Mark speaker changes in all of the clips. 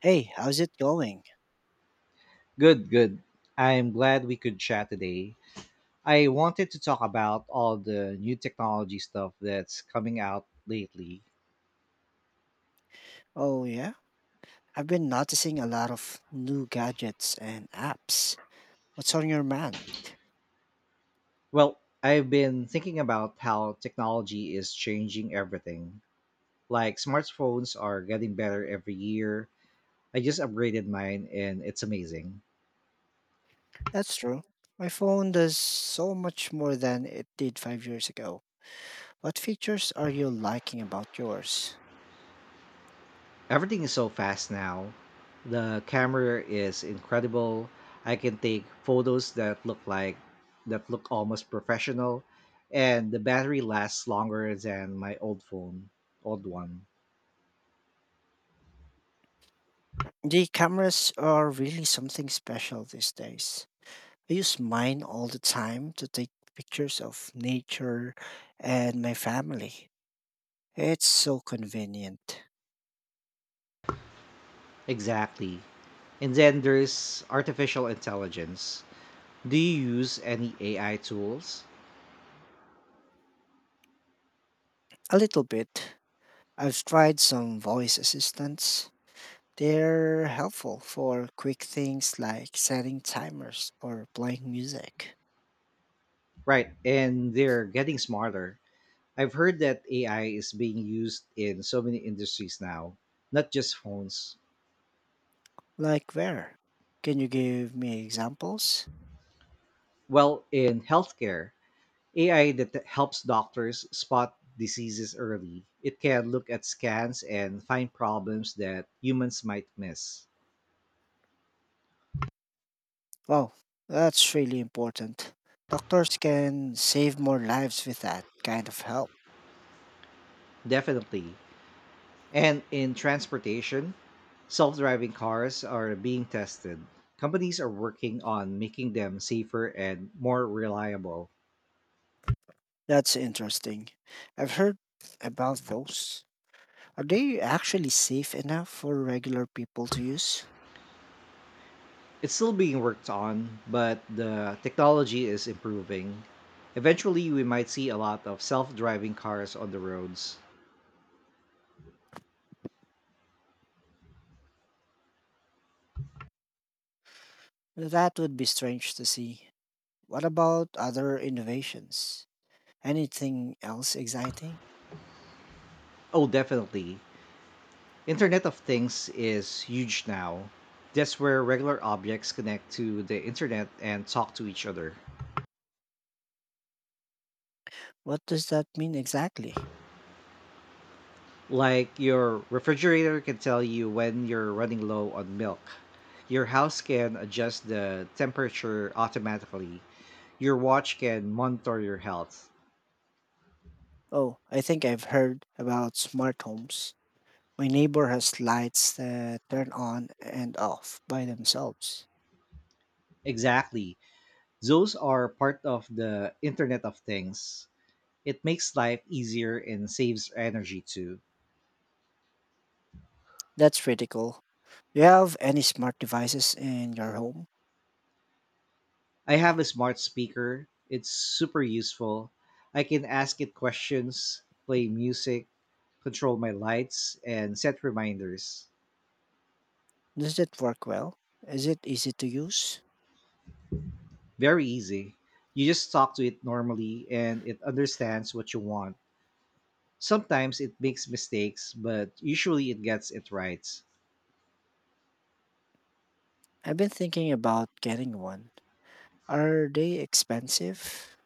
Speaker 1: Hey, how's it going?
Speaker 2: Good, good. I'm glad we could chat today. I wanted to talk about all the new technology stuff that's coming out lately.
Speaker 1: Oh, yeah? I've been noticing a lot of new gadgets and apps. What's on your mind?
Speaker 2: Well, I've been thinking about how technology is changing everything. Like, smartphones are getting better every year. I just upgraded mine and it's amazing.
Speaker 1: That's true. My phone does so much more than it did 5 years ago. What features are you liking about yours?
Speaker 2: Everything is so fast now. The camera is incredible. I can take photos that look like that look almost professional, and the battery lasts longer than my old phone, old one.
Speaker 1: The cameras are really something special these days. I use mine all the time to take pictures of nature and my family. It's so convenient.
Speaker 2: Exactly. And then there's artificial intelligence. Do you use any AI tools?
Speaker 1: A little bit. I've tried some voice assistants. They're helpful for quick things like setting timers or playing music.
Speaker 2: Right, and they're getting smarter. I've heard that AI is being used in so many industries now, not just phones.
Speaker 1: Like where? Can you give me examples?
Speaker 2: Well, in healthcare, AI that helps doctors spot diseases early. It can look at scans and find problems that humans might miss.
Speaker 1: Wow, that's really important. Doctors can save more lives with that kind of help.
Speaker 2: Definitely. And in transportation, self driving cars are being tested. Companies are working on making them safer and more reliable.
Speaker 1: That's interesting. I've heard about those. Are they actually safe enough for regular people to use?
Speaker 2: It's still being worked on, but the technology is improving. Eventually, we might see a lot of self driving cars on the roads.
Speaker 1: That would be strange to see. What about other innovations? Anything else exciting?
Speaker 2: Oh, definitely. Internet of Things is huge now. That's where regular objects connect to the internet and talk to each other.
Speaker 1: What does that mean exactly?
Speaker 2: Like your refrigerator can tell you when you're running low on milk. Your house can adjust the temperature automatically. Your watch can monitor your health.
Speaker 1: Oh, I think I've heard about smart homes. My neighbor has lights that turn on and off by themselves.
Speaker 2: Exactly. Those are part of the Internet of Things. It makes life easier and saves energy too.
Speaker 1: That's pretty cool. Do you have any smart devices in your home?
Speaker 2: I have a smart speaker. It's super useful. I can ask it questions, play music, control my lights, and set reminders.
Speaker 1: Does it work well? Is it easy to use?
Speaker 2: Very easy. You just talk to it normally and it understands what you want. Sometimes it makes mistakes, but usually it gets it right.
Speaker 1: I've been thinking about getting one. Are they expensive?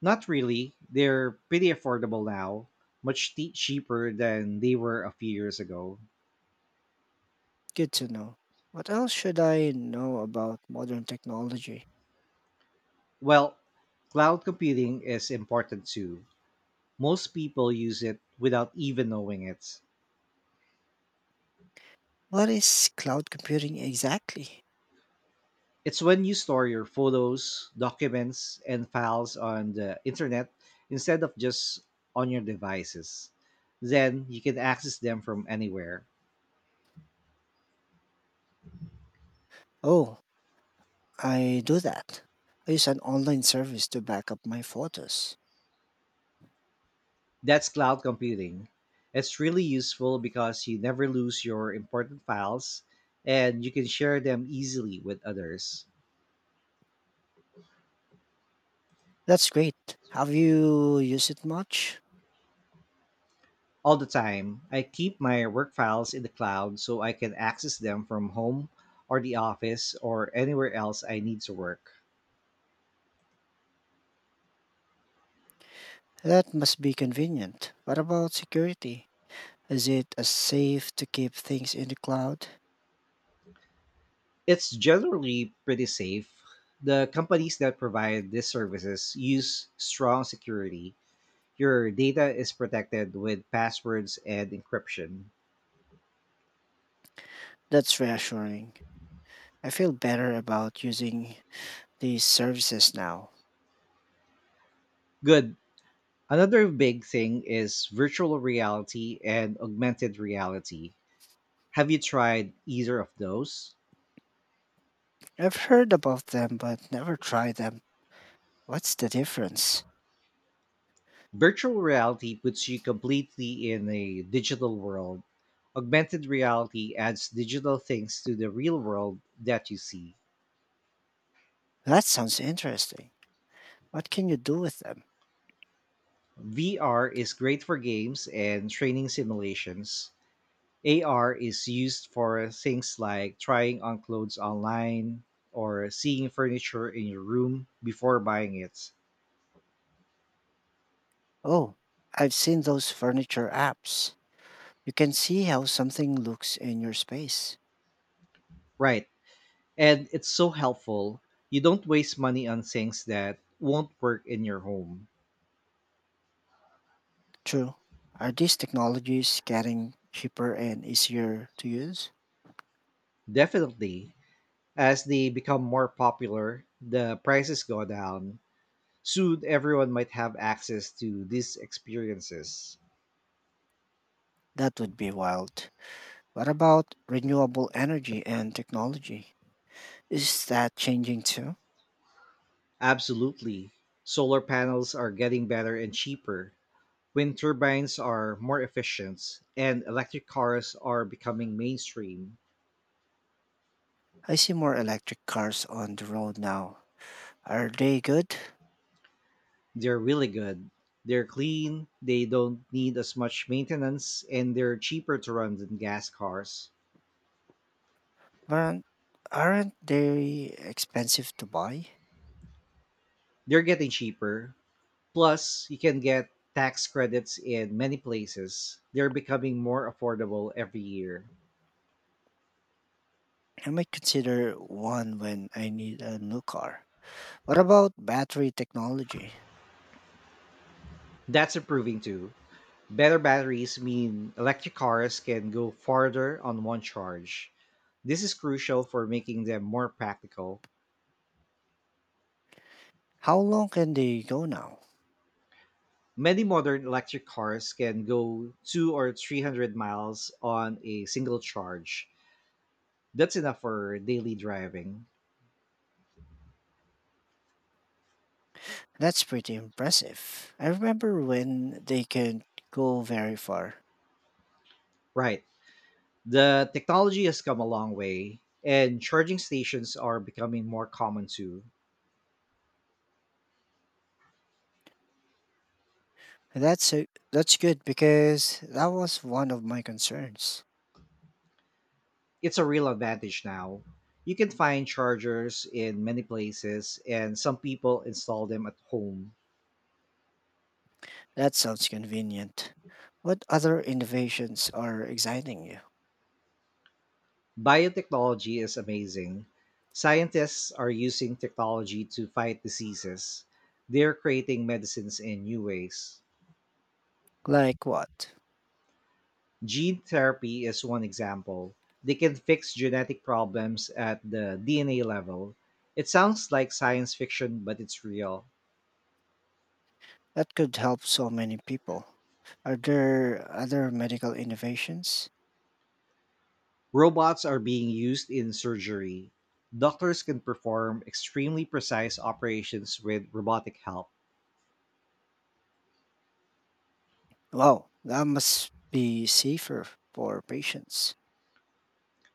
Speaker 2: Not really. They're pretty affordable now, cheaper than they were a few years ago.
Speaker 1: Good to know. What else should I know about modern technology?
Speaker 2: Well, cloud computing is important too. Most people use it without even knowing it.
Speaker 1: What is cloud computing exactly?
Speaker 2: It's when you store your photos, documents, and files on the internet instead of just on your devices. Then you can access them from anywhere.
Speaker 1: Oh, I do that. I use an online service to back up my photos.
Speaker 2: That's cloud computing. It's really useful because you never lose your important files and you can share them easily with others.
Speaker 1: That's great. Have you used it much?
Speaker 2: All the time. I keep my work files in the cloud so I can access them from home or the office or anywhere else I need to work.
Speaker 1: That must be convenient. What about security? Is it as safe to keep things in the cloud?
Speaker 2: It's generally pretty safe. The companies that provide these services use strong security. Your data is protected with passwords and encryption.
Speaker 1: That's reassuring. I feel better about using these services now.
Speaker 2: Good. Another big thing is virtual reality and augmented reality. Have you tried either of those?
Speaker 1: I've heard about them but never tried them. What's the difference?
Speaker 2: Virtual reality puts you completely in a digital world. Augmented reality adds digital things to the real world that you see.
Speaker 1: That sounds interesting. What can you do with them?
Speaker 2: VR is great for games and training simulations. AR is used for things like trying on clothes online or seeing furniture in your room before buying it.
Speaker 1: Oh, I've seen those furniture apps. You can see how something looks in your space.
Speaker 2: Right. And it's so helpful. You don't waste money on things that won't work in your home.
Speaker 1: True. Are these technologies getting cheaper and easier to use?
Speaker 2: Definitely. As they become more popular, the prices go down. Soon, everyone might have access to these experiences.
Speaker 1: That would be wild. What about renewable energy and technology? Is that changing too?
Speaker 2: Absolutely. Solar panels are getting better and cheaper. Wind turbines are more efficient, and electric cars are becoming mainstream.
Speaker 1: I see more electric cars on the road now. Are they good?
Speaker 2: They're really good. They're clean, they don't need as much maintenance, and they're cheaper to run than gas cars.
Speaker 1: Aren't, aren't they expensive to buy?
Speaker 2: They're getting cheaper. Plus, you can get tax credits in many places. They're becoming more affordable every year.
Speaker 1: I might consider one when I need a new car. What about battery technology?
Speaker 2: That's improving too. Better batteries mean electric cars can go farther on one charge. This is crucial for making them more practical.
Speaker 1: How long can they go now?
Speaker 2: Many modern electric cars can go 2 or 300 miles on a single charge. That's enough for daily driving.
Speaker 1: That's pretty impressive. I remember when they could go very far.
Speaker 2: Right. The technology has come a long way, and charging stations are becoming more common too.
Speaker 1: That's good because that was one of my concerns.
Speaker 2: It's a real advantage now. You can find chargers in many places, and some people install them at home.
Speaker 1: That sounds convenient. What other innovations are exciting you?
Speaker 2: Biotechnology is amazing. Scientists are using technology to fight diseases, they're creating medicines in new ways.
Speaker 1: Like what?
Speaker 2: Gene therapy is one example. They can fix genetic problems at the DNA level. It sounds like science fiction, but it's real.
Speaker 1: That could help so many people. Are there other medical innovations?
Speaker 2: Robots are being used in surgery. Doctors can perform extremely precise operations with robotic help,
Speaker 1: Wow, that must be safer for patients.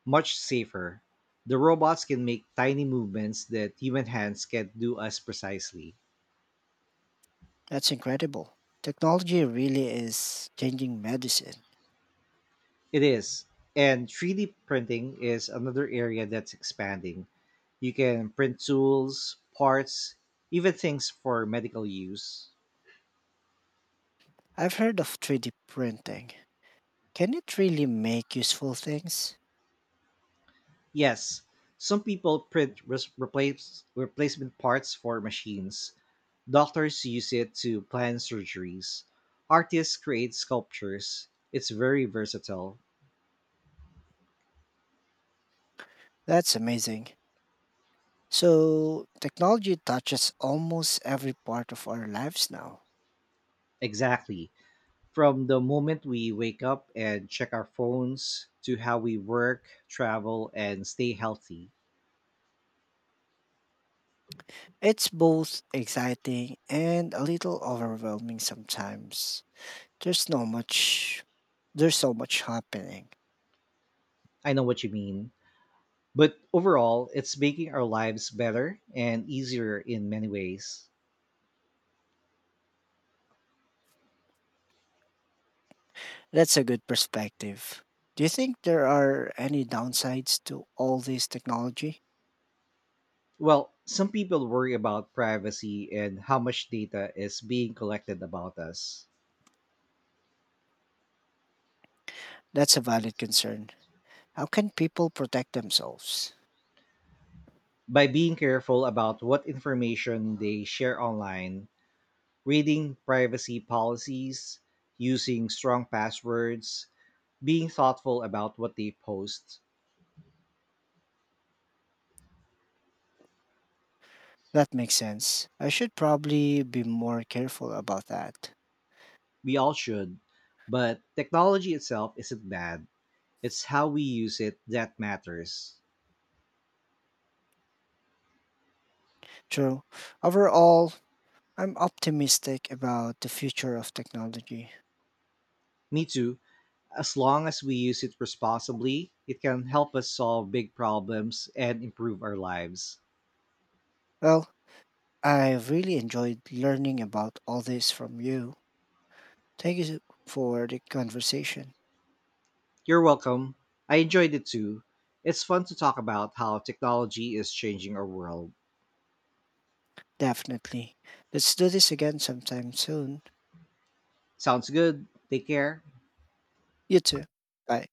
Speaker 2: much safer. The robots can make tiny movements that human hands can't do as precisely.
Speaker 1: That's incredible. Technology really is changing medicine.
Speaker 2: It is. And 3D printing is another area that's expanding. You can print tools, parts, even things for medical use.
Speaker 1: I've heard of 3D printing. Can it really make useful things?
Speaker 2: Yes, some people replacement parts for machines. Doctors use it to plan surgeries. Artists create sculptures. It's very versatile.
Speaker 1: That's amazing. So, technology touches almost every part of our lives now.
Speaker 2: Exactly. From the moment we wake up and check our phones to how we work, travel, and stay healthy.
Speaker 1: It's both exciting and a little overwhelming sometimes. There's no much There's so much happening.
Speaker 2: I know what you mean. But overall, it's making our lives better and easier in many ways.
Speaker 1: That's a good perspective. Do you think there are any downsides to all this technology?
Speaker 2: Well, some people worry about privacy and how much data is being collected about us.
Speaker 1: That's a valid concern. How can people protect themselves?
Speaker 2: By being careful about what information they share online, reading privacy policies, using strong passwords, being thoughtful about what they post.
Speaker 1: That makes sense. I should probably be more careful about that.
Speaker 2: We all should. But technology itself isn't bad, it's how we use it that matters.
Speaker 1: True. Overall, I'm optimistic about the future of technology.
Speaker 2: Me too. As long as we use it responsibly, it can help us solve big problems and improve our lives.
Speaker 1: Well, I really enjoyed learning about all this from you. Thank you for the conversation.
Speaker 2: You're welcome. I enjoyed it too. It's fun to talk about how technology is changing our world.
Speaker 1: Definitely. Let's do this again sometime soon.
Speaker 2: Sounds good. Take care.
Speaker 1: You too. Bye.